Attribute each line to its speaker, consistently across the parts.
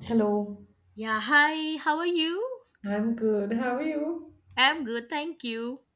Speaker 1: Hello,
Speaker 2: Yeah, hi, how are you?
Speaker 1: I'm good. How are you?
Speaker 2: I'm good, thank you.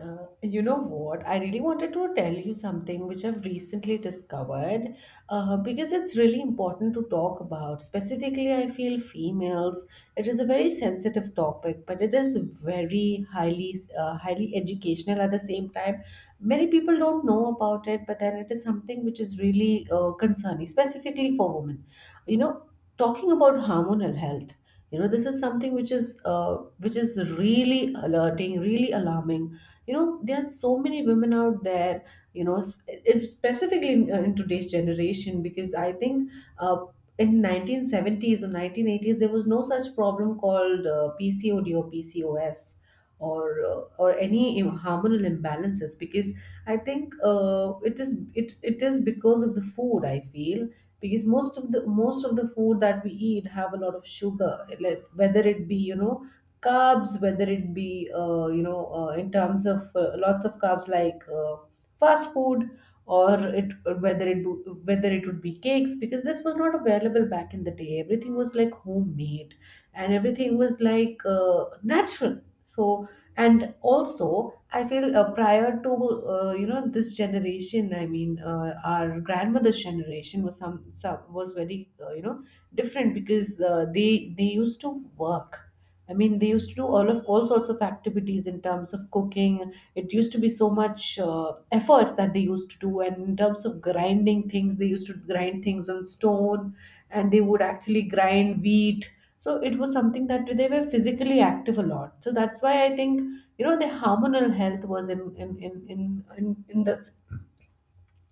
Speaker 1: You know what? I really wanted to tell you something which I've recently discovered because it's really important to talk about. Specifically, I feel females. It is a very sensitive topic, but it is very highly highly educational at the same time. Many people don't know about it, but then it is something which is really concerning, specifically for women. You know, talking about hormonal health. You know, this is something which is really alerting, really alarming. You know there are so many women out there, you know, specifically in today's generation, because I think uh, in 1970s or 1980s there was no such problem called pcod or pcos, or any hormonal imbalances because I think it is because of the food, I feel. Because most of the food that we eat have a lot of sugar, like, whether it be, you know, carbs, whether it be you know, in terms of lots of carbs, like, fast food or it, whether it would be cakes, because this was not available back in the day. Everything was like homemade and everything was like natural. So, and also I feel prior to you know, this generation, I mean our grandmother's generation was some was very you know, different, because they used to work. I mean, they used to do all sorts of activities in terms of cooking. It used to be so much efforts that they used to do, and in terms of grinding things, they used to grind things on stone, and they would actually grind wheat. So it was something that they were physically active a lot. So that's why I think, you know, the hormonal health was in this,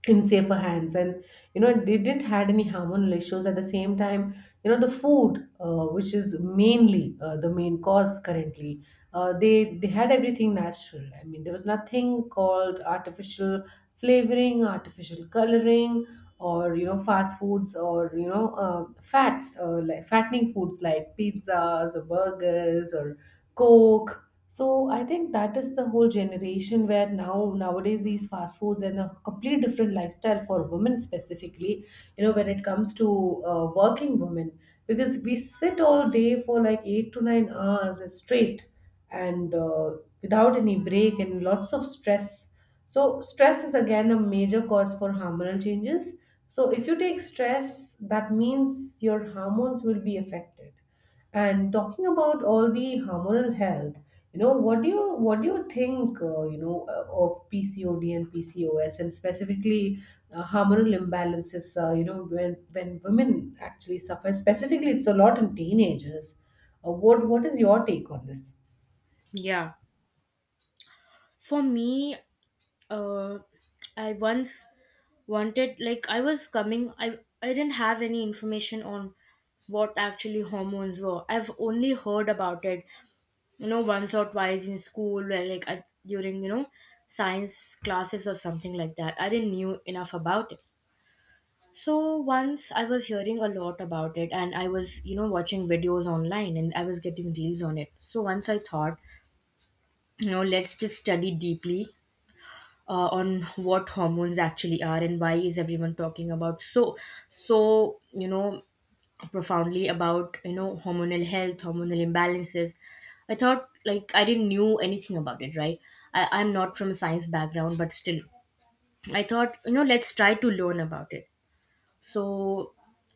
Speaker 1: in safer hands. And, you know, they didn't had any hormonal issues at the same time. You know, the food which is mainly the main cause currently, they had everything natural. I mean, there was nothing called artificial flavoring, artificial coloring, or, you know, fast foods, or, you know, fats, like fattening foods like pizzas or burgers or coke. So I think that is the whole generation where now nowadays these fast foods and a complete different lifestyle for women specifically, you know, when it comes to working women, because we sit all day for like 8 to 9 hours straight and without any break and lots of stress. So stress is again a major cause for hormonal changes. So if you take stress, that means your hormones will be affected. And talking about all the hormonal health, you know, what do you think, you know, of PCOD and PCOS, and specifically hormonal imbalances? You know, when women actually suffer, specifically, it's a lot in teenagers. What is your take on this?
Speaker 2: Yeah. For me, uh, I once wanted like I was coming I didn't have any information on what actually hormones were. I've only heard about it, once or twice in school where like during, science classes or something like that. I didn't knew enough about it. So once I was hearing a lot about it and I was, watching videos online and I was getting deals on it. So once I thought let's just study deeply on what hormones actually are and why is everyone talking about so profoundly about hormonal health, hormonal imbalances. I thought like I didn't knew anything about it, right? I'm not from a science background, but still I thought, let's try to learn about it. So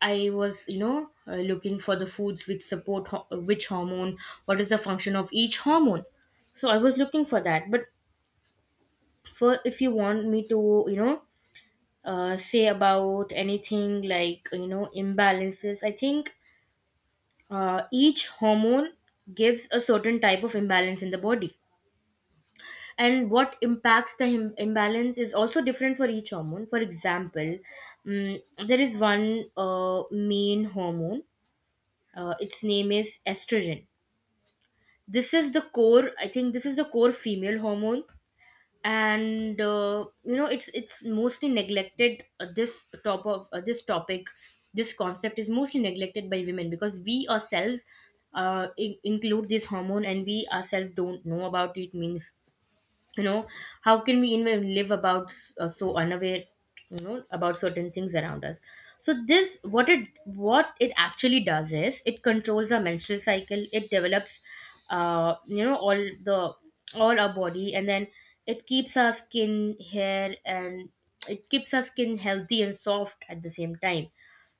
Speaker 2: I was looking for the foods which support which hormone, what is the function of each hormone. So I was looking for that, but for if you want me to, you know say about anything like imbalances, I think each hormone gives a certain type of imbalance in the body, and what impacts the imbalance is also different for each hormone. For example, mm there is one uh, main hormone, its name is estrogen. This is the core female hormone. And you know, it's mostly neglected. This concept is mostly neglected by women, because we ourselves, include this hormone, and we ourselves don't know about it. Means, you know how can we even live about so unaware, about certain things around us. So this what it actually does is it controls our menstrual cycle. It develops, uh you know all the all our body, and then it keeps our skin hair and it keeps our skin healthy and soft at the same time,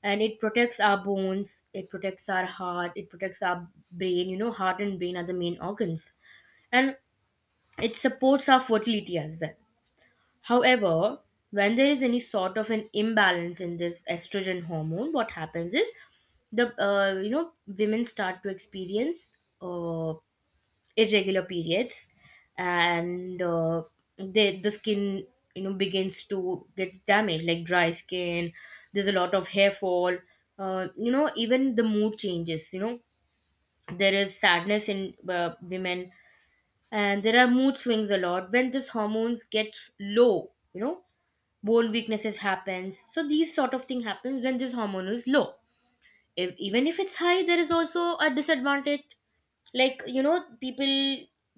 Speaker 2: and it protects our bones, it protects our heart, it protects our brain. Heart and brain are the main organs, and it supports our fertility as well. However, when there is any sort of an imbalance in this estrogen hormone, what happens is, the you know women start to experience uh, irregular periods, and the skin, begins to get damaged, like dry skin. There's a lot of hair fall. Even the mood changes. There is sadness in women, and there are mood swings a lot when this hormones gets low. Bone weaknesses happens, so these sort of thing happens when this hormone is low. If even if it's high, there is also a disadvantage. Like, people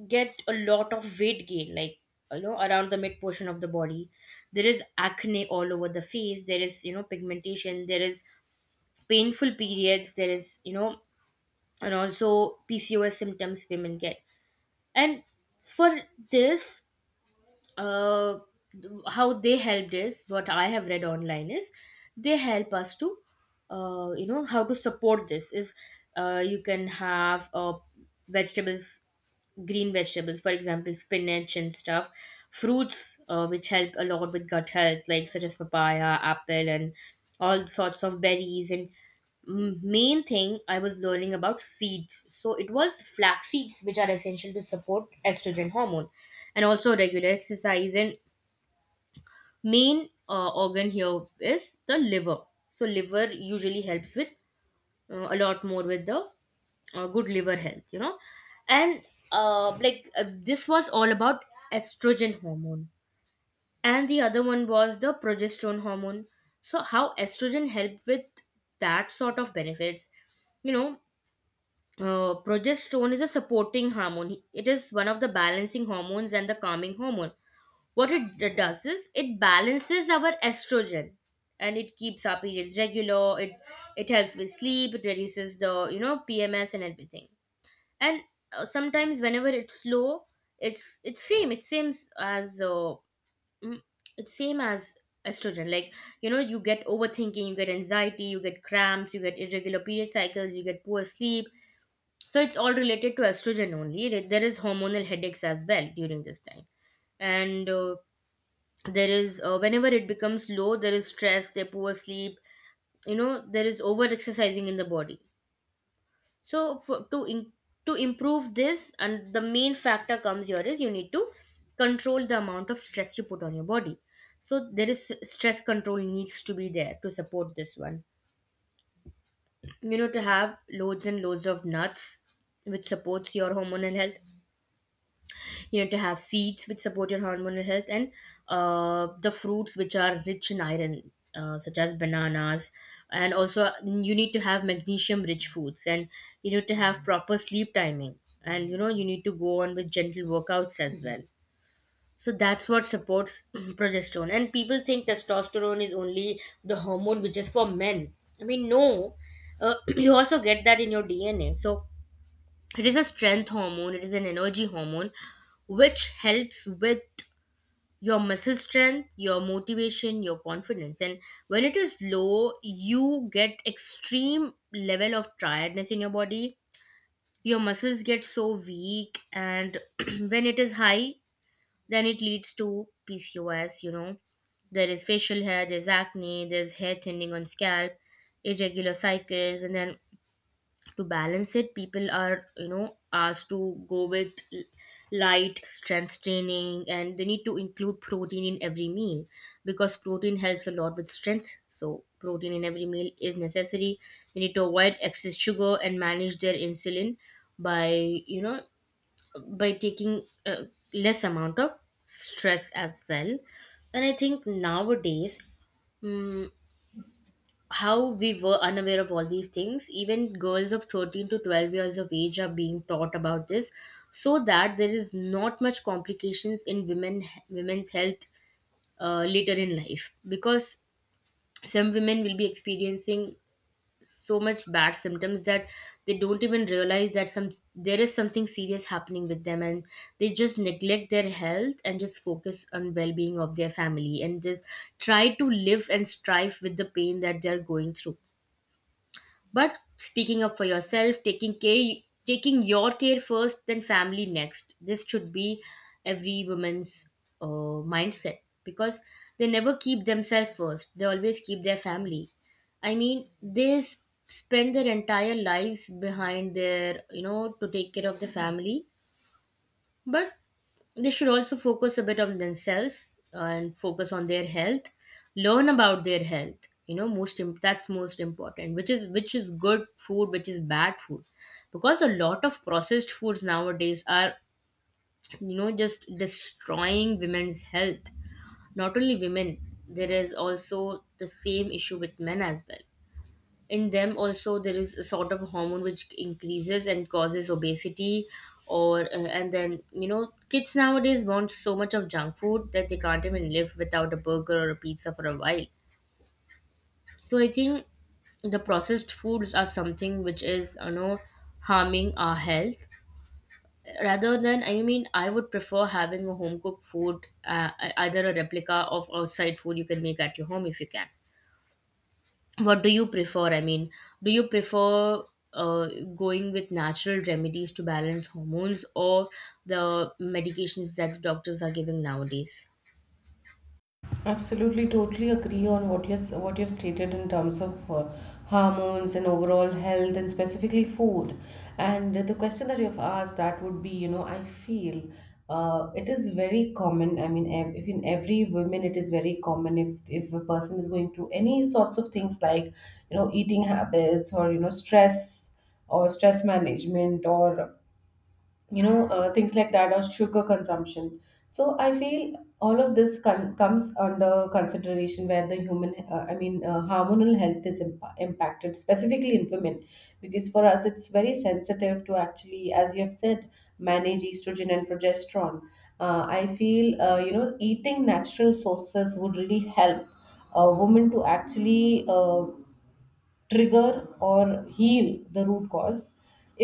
Speaker 2: get a lot of weight gain, like around the mid portion of the body. There is acne all over the face, there is, pigmentation, there is painful periods, there is you know and also PCOS symptoms women get. And for this, uh, how they helped is what I have read online is they help us to, you know, how to support this is, you can have vegetables, green vegetables, for example spinach and stuff. Fruits, which help a lot with gut health, like such as papaya, apple, and all sorts of berries. And main thing I was learning about seeds. So it was flax seeds, which are essential to support estrogen hormone, and also regular exercise. And main organ here is the liver. So liver usually helps with, a lot more with the, good liver health. And, like, this was all about estrogen hormone, and the other one was the progesterone hormone. So how estrogen helped with that sort of benefits, you know progesterone is a supporting hormone. It is one of the balancing hormones and the calming hormone. What it does is it balances our estrogen, and it keeps our periods regular. It helps with sleep. It reduces the PMS and everything. And sometimes whenever it's low, it's same. It seems as, mm, it's same as estrogen. Like, you get overthinking, you get anxiety, you get cramps, you get irregular period cycles, you get poor sleep. So it's all related to estrogen only. There is hormonal headaches as well during this time, and there is whenever it becomes low, there is stress, there poor sleep. You know there is over exercising in the body. So to improve this, and the main factor comes here is you need to control the amount of stress you put on your body. So there is stress control needs to be there to support this one. To have loads and loads of nuts, which supports your hormonal health. To have seeds which support your hormonal health, and the fruits which are rich in iron, such as bananas. And also you need to have magnesium rich foods, and you need to have proper sleep timing, and you need to go on with gentle workouts as well. So that's what supports progesterone. And people think testosterone is only the hormone which is for men. I mean, no, you also get that in your DNA. So it is a strength hormone, it is an energy hormone, which helps with your muscle strength, your motivation, your confidence. And when it is low, you get extreme level of tiredness in your body. Your muscles get so weak, and when it is high, then it leads to PCOS. There is facial hair, there's acne, there's hair thinning on scalp, irregular cycles. And then to balance it, people are asked to go with light strength training, and they need to include protein in every meal, because protein helps a lot with strength. So protein in every meal is necessary. They need to avoid excess sugar, and manage their insulin by, you know by taking, less amount of stress as well. And I think nowadays, mm how we were unaware of all these things, even girls of 13 to 12 years of age are being taught about this, so that there is not much complications in women's health later in life. Because some women will be experiencing so much bad symptoms that they don't even realize that some there is something serious happening with them, and they just neglect their health and just focus on well-being of their family, and just try to live and strive with the pain that they're going through. But speaking up for yourself, taking care, taking your care first, then family next. This should be every woman's uh, mindset, because they never keep themselves first. They always keep their family. I mean, they spend their entire lives behind to take care of the family. But they should also focus a bit on themselves and focus on their health, learn about their health. Most that's most important, which is, which is good food, which is bad food. Because a lot of processed foods nowadays are, just destroying women's health. Not only women, there is also the same issue with men as well. In them also there is a sort of hormone which increases and causes obesity, or and then kids nowadays want so much of junk food that they can't even live without a burger or a pizza for a while. So I think the processed foods are something which is, harming our health. Rather than, I mean, I would prefer having a home cooked food, either a replica of outside food you can make at your home if you can. What do you prefer? I mean, do you prefer, uh, going with natural remedies to balance hormones, or the medications that doctors are giving nowadays?
Speaker 1: Absolutely, totally agree on what you, what you've stated in terms of hormones and overall health and specifically food. And the question that you've asked that would be, you know, I feel it is very common. I mean, ev- if in every woman, it is very common if a person is going through any sorts of things like, you know, eating habits or, you know, stress or stress management or, you know, things like that or sugar consumption. So I feel all of this comes under consideration where the human hormonal health is impacted specifically in women, because for us it's very sensitive to actually, as you have said, manage estrogen and progesterone. I feel you know, eating natural sources would really help a woman to actually trigger or heal the root cause.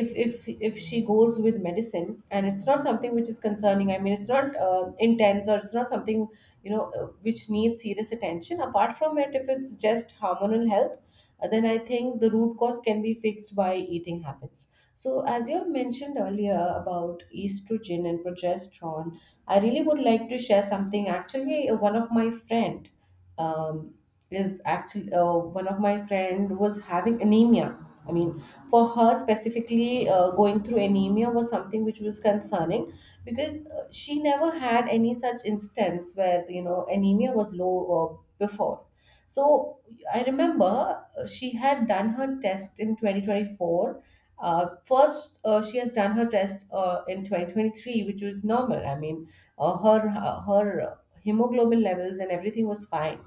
Speaker 1: If, if she goes with medicine and it's not something which is concerning, I mean it's not intense or it's not something, you know, which needs serious attention. Apart from it, if it's just hormonal health, then I think the root cause can be fixed by eating habits. So as you have mentioned earlier about estrogen and progesterone, I really would like to share something. Actually, one of my friend um, is actually one of my friend was having anemia. I mean, for her specifically, going through anemia was something which was concerning, because she never had any such instance where, you know, anemia was low before. So I remember she had done her test in 2024. First, she has done her test in 2023, which was normal. I mean, her her hemoglobin levels and everything was fine.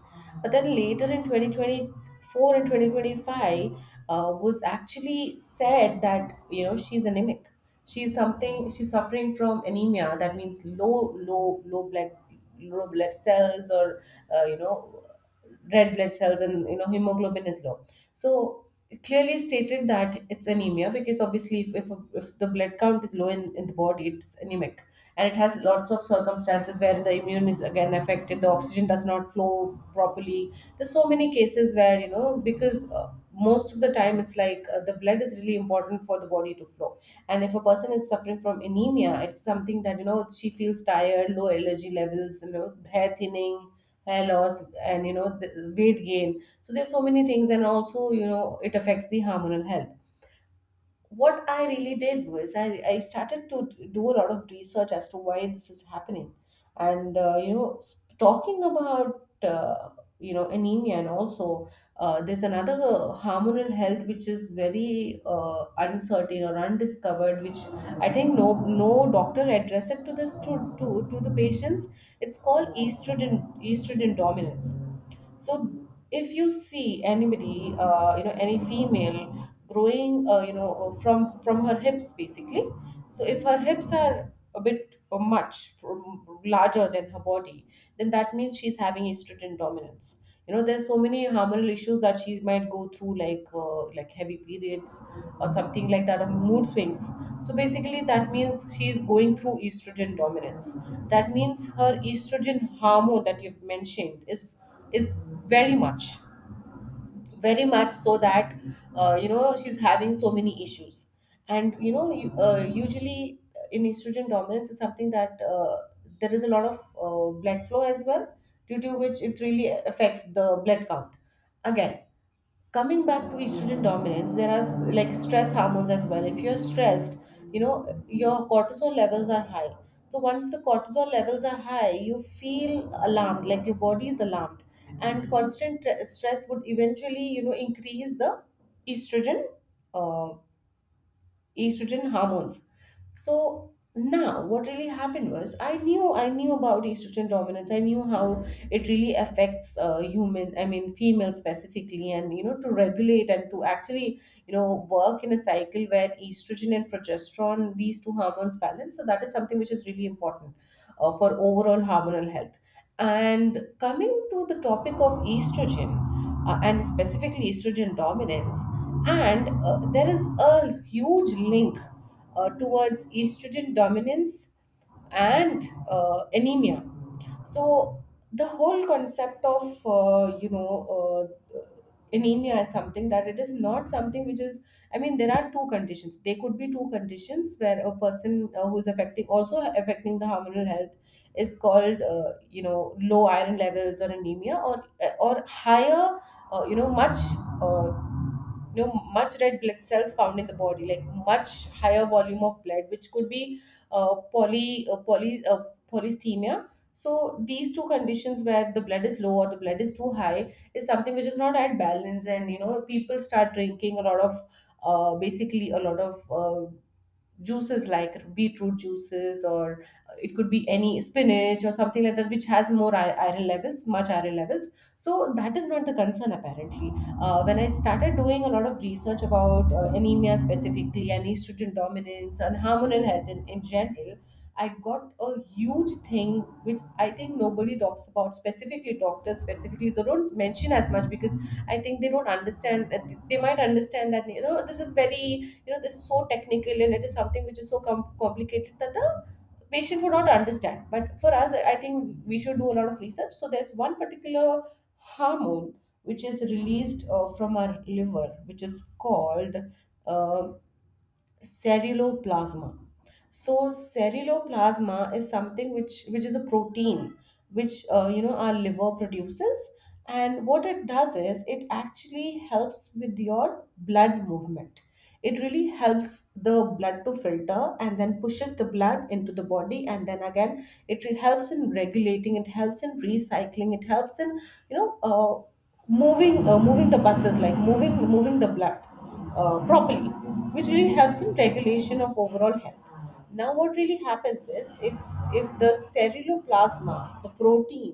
Speaker 1: But then later in 2024 and 2025 was actually said that, you know, she's anemic. She's something, she's suffering from anemia. That means low blood cells, or, you know, red blood cells and, you know, hemoglobin is low. So it clearly stated that it's anemia because obviously if the blood count is low in the body, it's anemic. And it has lots of circumstances wherein the immune is again affected, the oxygen does not flow properly. There's so many cases where, you know, because most of the time it's like the blood is really important for the body to flow. And if a person is suffering from anemia, it's something that, you know, she feels tired, low energy levels, you know, hair thinning, hair loss, and, you know, the weight gain. So there's so many things, and also, you know, it affects the hormonal health. What I really did was I started to do a lot of research as to why this is happening. And, you know, talking about, you know, anemia, and also there's another hormonal health which is very uncertain or undiscovered, which I think no doctor addressed it to this, to the patients. It's called estrogen dominance. So if you see anybody, you know, any female growing, you know, from her hips basically. So if her hips are a bit much from larger than her body, then that means she's having estrogen dominance. You know, there's so many hormonal issues that she might go through, like, like heavy periods or something like that, or mood swings. So basically, that means she is going through estrogen dominance. That means her estrogen hormone that you've mentioned is very much, so that you know, she's having so many issues. And, you know, usually in estrogen dominance it's something that there is a lot of blood flow as well, due to which it really affects the blood count. Again, coming back to estrogen dominance, there are like stress hormones as well. If you're stressed, you know, your cortisol levels are high. So once the cortisol levels are high, you feel alarmed, like your body is alarmed. And constant stress would eventually, you know, increase the estrogen, uh, estrogen hormones. So now what really happened was I knew about estrogen dominance. I knew how it really affects human, I mean female specifically, and you know, to regulate and to actually, you know, work in a cycle where estrogen and progesterone, these two hormones balance. So that is something which is really important for overall hormonal health. And coming to the topic of estrogen and specifically estrogen dominance, and there is a huge link towards estrogen dominance and anemia. So the whole concept of you know, anemia is something that it is not something which is, I mean there are two conditions. There could be two conditions where a person who is affecting also affecting the hormonal health is called low iron levels or anemia or higher much uh, much red blood cells found in the body, like much higher volume of blood, which could be uh, poly uh, poly uh, polysthemia. So these two conditions where the blood is low or the blood is too high is something which is not at balance, and you know people start drinking a lot of basically a lot of juices like beetroot juices, or it could be any spinach or something like that which has more iron levels, much iron levels. So that is not the concern apparently. When I started doing a lot of research about anemia specifically, and estrogen dominance and hormonal health in general, I got a huge thing which I think nobody talks about, specifically doctors, specifically they don't mention as much, because I think they don't understand. They might understand that, you know, this is very, you know, this is so technical and it is something which is so complicated that the patient would not understand. But for us, I think we should do a lot of research. So there's one particular hormone which is released from our liver, which is called uh, ceruloplasma. So ceruloplasma is something which is a protein which, you know, our liver produces, and what it does is it actually helps with your blood movement. It really helps the blood to filter and then pushes the blood into the body, and then again it helps in regulating, it helps in recycling, it helps in, you know, moving the buses, like moving the blood properly, which really helps in regulation of overall health. Now, what really happens is if the ceruloplasma, the protein,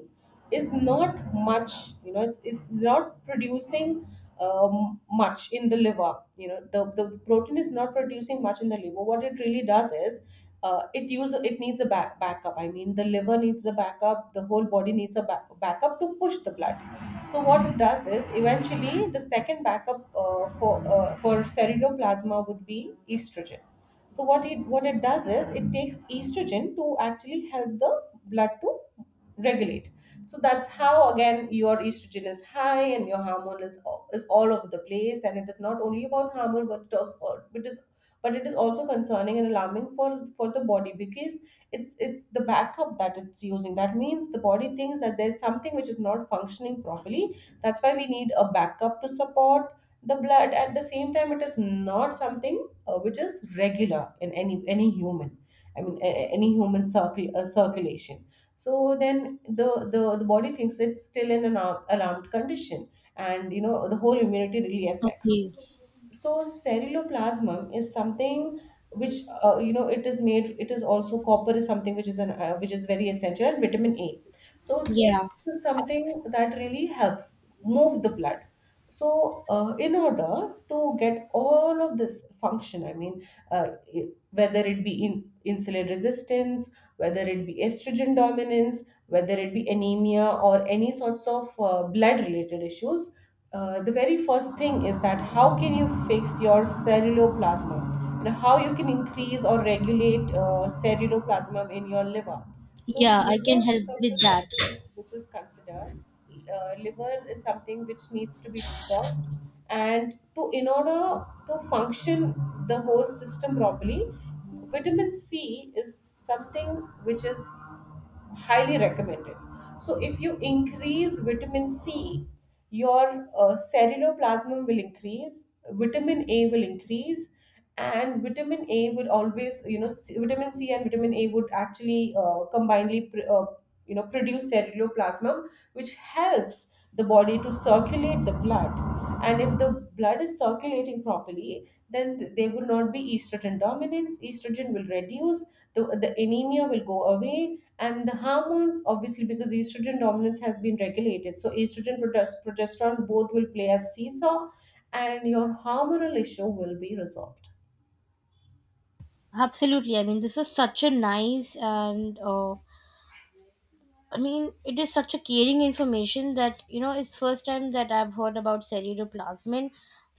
Speaker 1: is not much, you know, it's not producing much in the liver. You know, the protein is not producing much in the liver. What it really does is it needs a backup. I mean, the liver needs the backup. The whole body needs a backup to push the blood. So what it does is eventually the second backup for ceruloplasma would be estrogen. So what it does is it takes estrogen to actually help the blood to regulate. So that's how again your estrogen is high and your hormone is all over the place. And it is not only about hormone, but but it is also concerning and alarming for the body, because it's the backup that it's using. That means the body thinks that there's something which is not functioning properly. That's why we need a backup to support the blood. At the same time, it is not something which is regular in any human. I mean, any human circle circulation. So then the body thinks it's still in an alarmed condition, and you know the whole immunity really affects.
Speaker 2: Okay.
Speaker 1: So ceruloplasmin is something which, you know, it is made, it is also copper is something which is an which is very essential, and vitamin A. So
Speaker 2: Yeah.
Speaker 1: this is something that really helps move the blood. So in order to get all of this function, I mean, uh, whether it be in insulin resistance, whether it be estrogen dominance, whether it be anemia or any sorts of blood related issues, the very first thing is that how can you fix your ceruloplasma, and how you can increase or regulate ceruloplasma in your liver. So
Speaker 2: Yeah, I
Speaker 1: liver
Speaker 2: can help
Speaker 1: detox
Speaker 2: with
Speaker 1: is
Speaker 2: that.
Speaker 1: something which is considered, liver is something which needs to be detoxed, and to in order to function the whole system properly, vitamin C is something which is highly recommended. So if you increase vitamin C, your ceruloplasmin will increase, vitamin A will increase, and vitamin A will always, you know, vitamin C and vitamin A would actually combinedly, you know, produce ceruloplasmin, which helps the body to circulate the blood. And if the blood is circulating properly, then there would not be estrogen dominance. Estrogen will reduce. The anemia will go away, and the hormones obviously, because estrogen dominance has been regulated, so estrogen, progesterone, both will play as a seesaw, and your hormonal issue will be resolved.
Speaker 2: Absolutely. I mean, this was such a nice and I mean, it is such a caring information. That you know It's first time that I've heard about ceruloplasmin.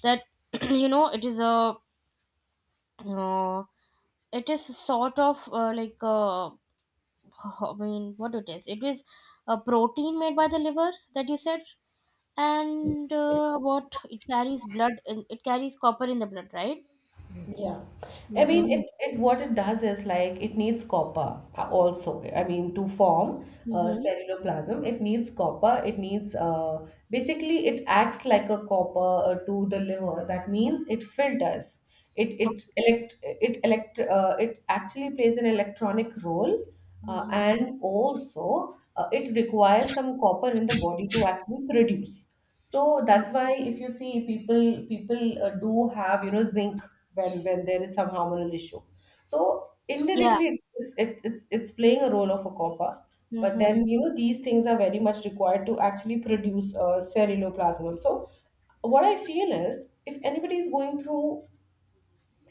Speaker 2: That, you know, it is a uh, it is a sort of, like a oh, I mean, what it is? It is a protein made by the liver, that you said. And
Speaker 1: Yes.
Speaker 2: what it carries blood in, it carries copper in the blood, right?
Speaker 1: Yeah. I mean,
Speaker 2: Mm-hmm.
Speaker 1: it what it does is, like, it needs copper also. I mean, to form
Speaker 2: Mm-hmm.
Speaker 1: cellular plasm, it needs copper. It needs, basically it acts like a copper to the liver. That means it filters. It
Speaker 2: Okay.
Speaker 1: it elect it elect uh, it actually plays an electronic role,
Speaker 2: Mm-hmm.
Speaker 1: and also it requires some copper in the body to actually produce. So that's why if you see people do have, you know, zinc when there is some hormonal issue. So
Speaker 2: Yeah.
Speaker 1: indirectly it's playing a role of a copper. But
Speaker 2: Mm-hmm.
Speaker 1: then, you know, these things are very much required to actually produce ceruloplasmin. So what I feel is, if anybody is going through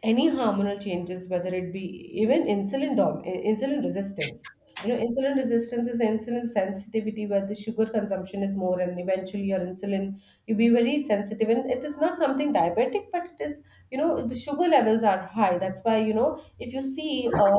Speaker 1: any hormonal changes, whether it be even insulin resistance. You know, insulin resistance is insulin sensitivity, where the sugar consumption is more, and eventually your insulin, you be very sensitive. And it is not something diabetic, but it is, you know, the sugar levels are high. That's why, you know, if you see,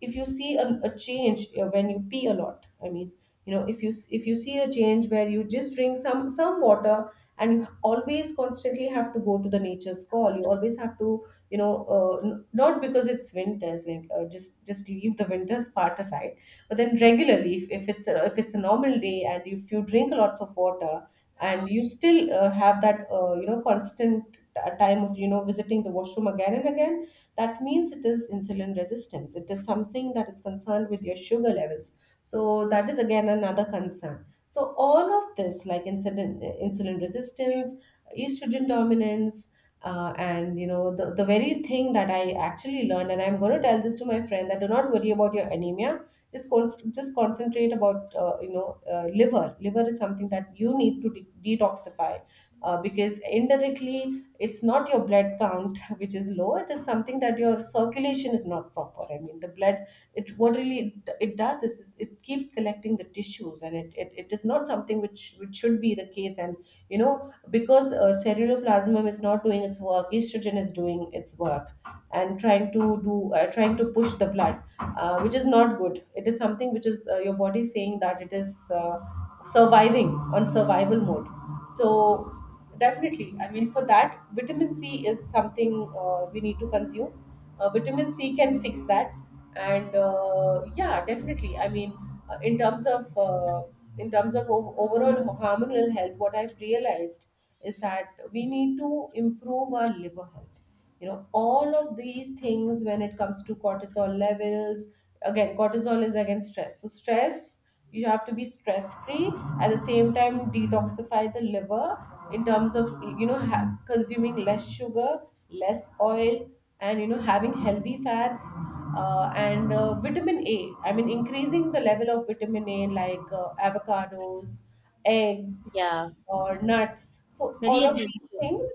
Speaker 1: if you see a change when you pee a lot. I mean, you know, if if you see a change where you just drink some water, and you always constantly have to go to the nature's call. You always have to, you know, not because it's winters, like, just leave the winters part aside, but then regularly, if it's a normal day, and if you drink lots of water, and you still have that you know constant time of, you know, visiting the washroom again and again, that means it is insulin resistance, it is something that is concerned with your sugar levels. So that is again another concern. So all of this, like insulin resistance, estrogen dominance, and you know the very thing that I actually learned, and I'm going to tell this to my friend, that do not worry about your anemia, just just concentrate about, you know, liver is something that you need to detoxify, because indirectly it's not your blood count which is low, it is something that your circulation is not proper. I mean the blood, it what really it does is it keeps collecting the tissues, and it is not something which should be the case. And you know, because ceruloplasmin is not doing its work, estrogen is doing its work and trying to do, trying to push the blood, which is not good. It is something which is, your body saying that it is, surviving on survival mode. So definitely, I mean, for that vitamin C is something we need to consume. Vitamin C can fix that. And yeah, definitely. I mean, in terms of, in terms of overall hormonal health, what I've realized is that we need to improve our liver health. You know, all of these things, when it comes to cortisol levels, again cortisol is again stress, so stress, you have to be stress free at the same time, detoxify the liver in terms of, you know, consuming less sugar, less oil, and, you know, having healthy fats, and vitamin A, I mean, increasing the level of vitamin A, like, avocados, eggs,
Speaker 2: Yeah.
Speaker 1: or nuts. So
Speaker 2: Very
Speaker 1: all of these
Speaker 2: essential.
Speaker 1: things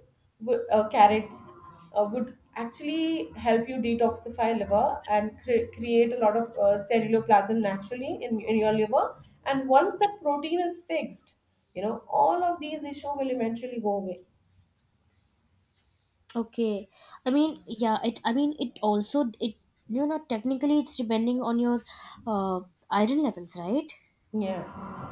Speaker 1: would, carrots, would actually help you detoxify liver and create a lot of ceruloplasm naturally in your liver. And once that protein is fixed, you know, all of these issue will eventually go away.
Speaker 2: Okay. I mean, yeah, it I mean it also, it you know technically it's depending on your, uh, iron levels, right?
Speaker 1: Yeah,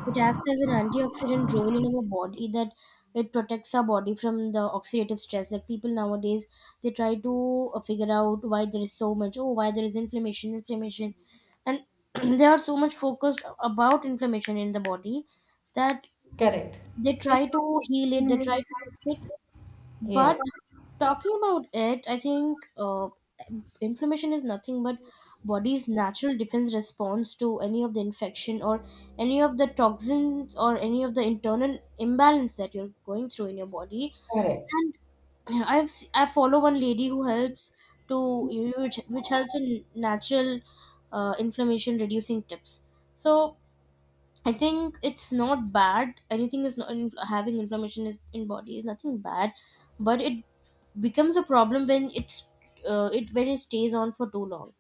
Speaker 2: It acts as an antioxidant role in our body, that it protects our body from the oxidative stress. Like people nowadays, they try to figure out why there is so much, oh, why there is inflammation. And they are so much focused about inflammation in the body that
Speaker 1: correct.
Speaker 2: they try to heal it, they try to fix it
Speaker 1: Yes,
Speaker 2: but talking about it, I think inflammation is nothing but body's natural defense response to any of the infection or any of the toxins or any of the internal imbalance that you're going through in your body.
Speaker 1: correct. Correct.
Speaker 2: And I follow one lady who helps to which helps in natural inflammation reducing tips. So I think it's not bad. Anything is not having inflammation is, in body is nothing bad, but it becomes a problem when it's it when it stays on for too long.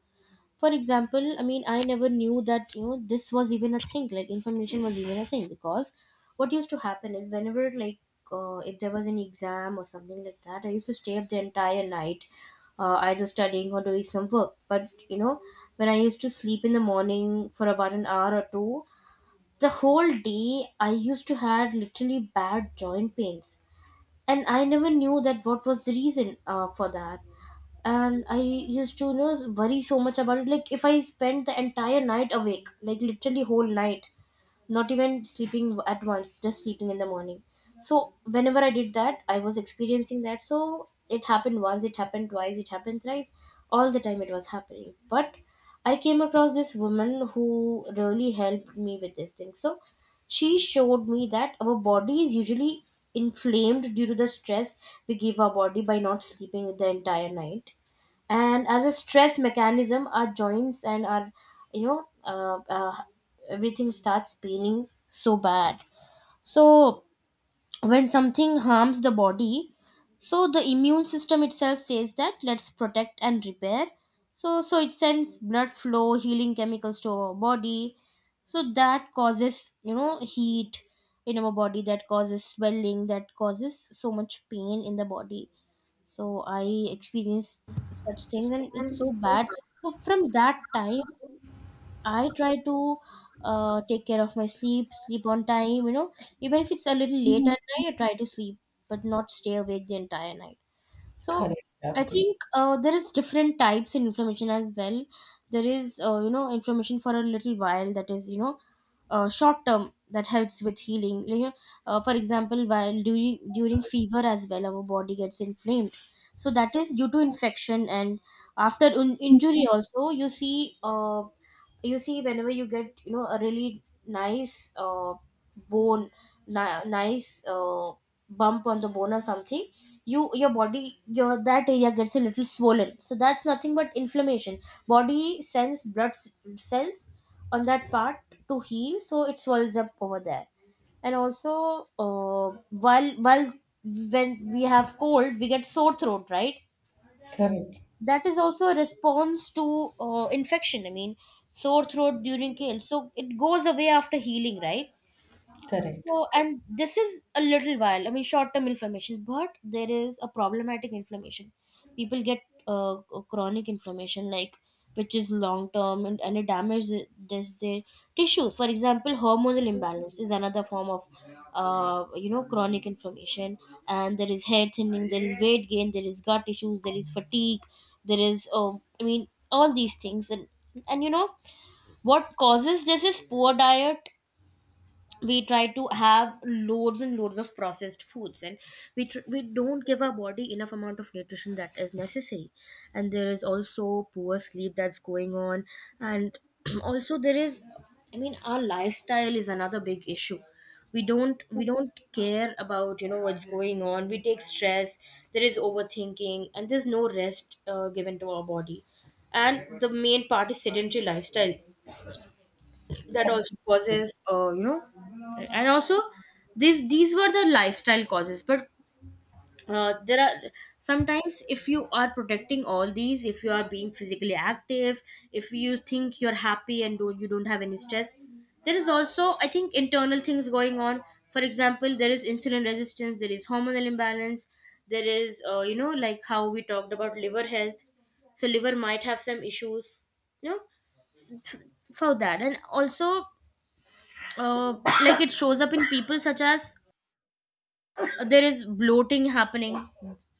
Speaker 2: For example, I mean, I never knew that you know this was even a thing. Like inflammation was even a thing because what used to happen is whenever like if there was an exam or something like that, I used to stay up the entire night, either studying or doing some work. But you know, when I used to sleep in the morning for about an hour or two, the whole day I used to had literally bad joint pains, and I never knew that what was the reason for that. And I used to you know worry so much about it. Like if I spent the entire night awake, like literally whole night, not even sleeping at once, just sleeping in the morning, so whenever I did that I was experiencing that. So it happened once, it happened twice, it happened thrice, all the time it was happening. But I came across this woman who really helped me with this thing. So she showed me that our body is usually inflamed due to the stress we give our body by not sleeping the entire night. And as a stress mechanism, our joints and our, you know, everything starts paining so bad. So when something harms the body, so the immune system itself says that let's protect and repair, so it sends blood flow healing chemicals to our body. So that causes you know heat in our body, that causes swelling, that causes so much pain in the body. So I experienced such things and it's so bad. So from that time I try to take care of my sleep, sleep on time, you know, even if it's a little late at night I try to sleep, but not stay awake the entire night. So I
Speaker 1: Absolutely.
Speaker 2: think there is different types in inflammation as well. There is, you know, inflammation for a little while, that is you know short term, that helps with healing. Like, you know, for example, while during fever as well, our body gets inflamed. So that is due to infection, and after injury also you see. You see whenever you get you know a really nice bone, nice bump on the bone or something, you, your body, your that area gets a little swollen, so that's nothing but inflammation. Body sends blood cells on that part to heal, so it swells up over there. And also, uh, while when we have cold we get sore throat, right?
Speaker 1: Correct.
Speaker 2: That is also a response to infection, I mean, sore throat during kale, so it goes away after healing, right?
Speaker 1: Correct.
Speaker 2: So, and this is a little while, I mean, short term inflammation, but there is a problematic inflammation. People get chronic inflammation, like, which is long term, and it damages their tissues. For example, hormonal imbalance is another form of, you know, chronic inflammation. And there is hair thinning, there is weight gain, there is gut issues, there is fatigue, there is, I mean, all these things. And you know, what causes this is poor diet. We try to have loads and loads of processed foods, and we don't give our body enough amount of nutrition that is necessary. And there is also poor sleep that's going on, and also there is, I mean, our lifestyle is another big issue. We don't care about you know what's going on, we take stress, there is overthinking and there's no rest given to our body. And the main part is sedentary lifestyle, that also
Speaker 1: Absolutely.
Speaker 2: causes you know. And also, these were the lifestyle causes, but there are sometimes if you are protecting all these, if you are being physically active, if you think you're happy and don't, you don't have any stress, there is also I think internal things going on. For example, there is insulin resistance, there is hormonal imbalance, there is you know, like how we talked about liver health, so liver might have some issues, you know, for that. And also uh, like it shows up in people such as there is bloating happening,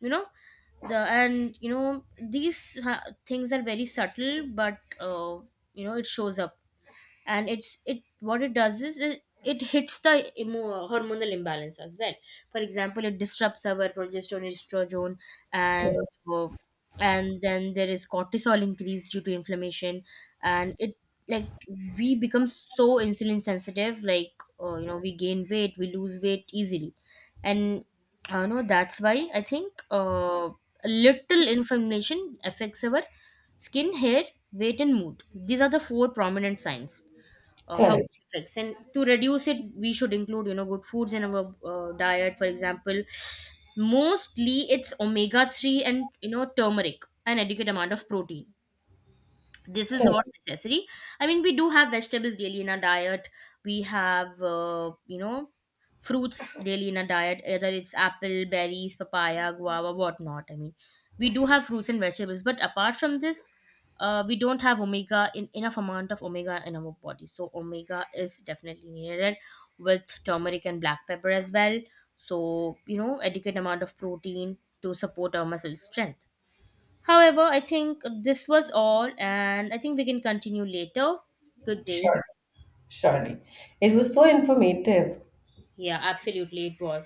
Speaker 2: you know, the and you know these things are very subtle, but you know it shows up. And it's it what it does is it hits the hormonal imbalance as well. For example, it disrupts our progesterone, estrogene, and
Speaker 1: Correct.
Speaker 2: uh, and then there is cortisol increase due to inflammation. And it, like, we become so insulin sensitive, like you know we gain weight, we lose weight easily. And I know that's why I think a little inflammation affects our skin, hair, weight and mood. These are the four prominent signs how it
Speaker 1: Correct.
Speaker 2: affects. And to reduce it we should include you know good foods in our diet. For example, mostly it's omega 3, and you know turmeric, an adequate amount of protein. This is what
Speaker 1: Correct.
Speaker 2: necessary. I mean, we do have vegetables daily in our diet, we have you know fruits daily in our diet, either it's apple, berries, papaya, guava, whatnot. I mean, we do have fruits and vegetables, but apart from this, we don't have omega in enough amount of omega in our body. So omega is definitely needed, with turmeric and black pepper as well. So you know adequate amount of protein to support our muscle strength. However, I think this was all, and I think we can continue later. Good day.
Speaker 1: Sure. Surely. It was so informative.
Speaker 2: Yeah, absolutely, it was.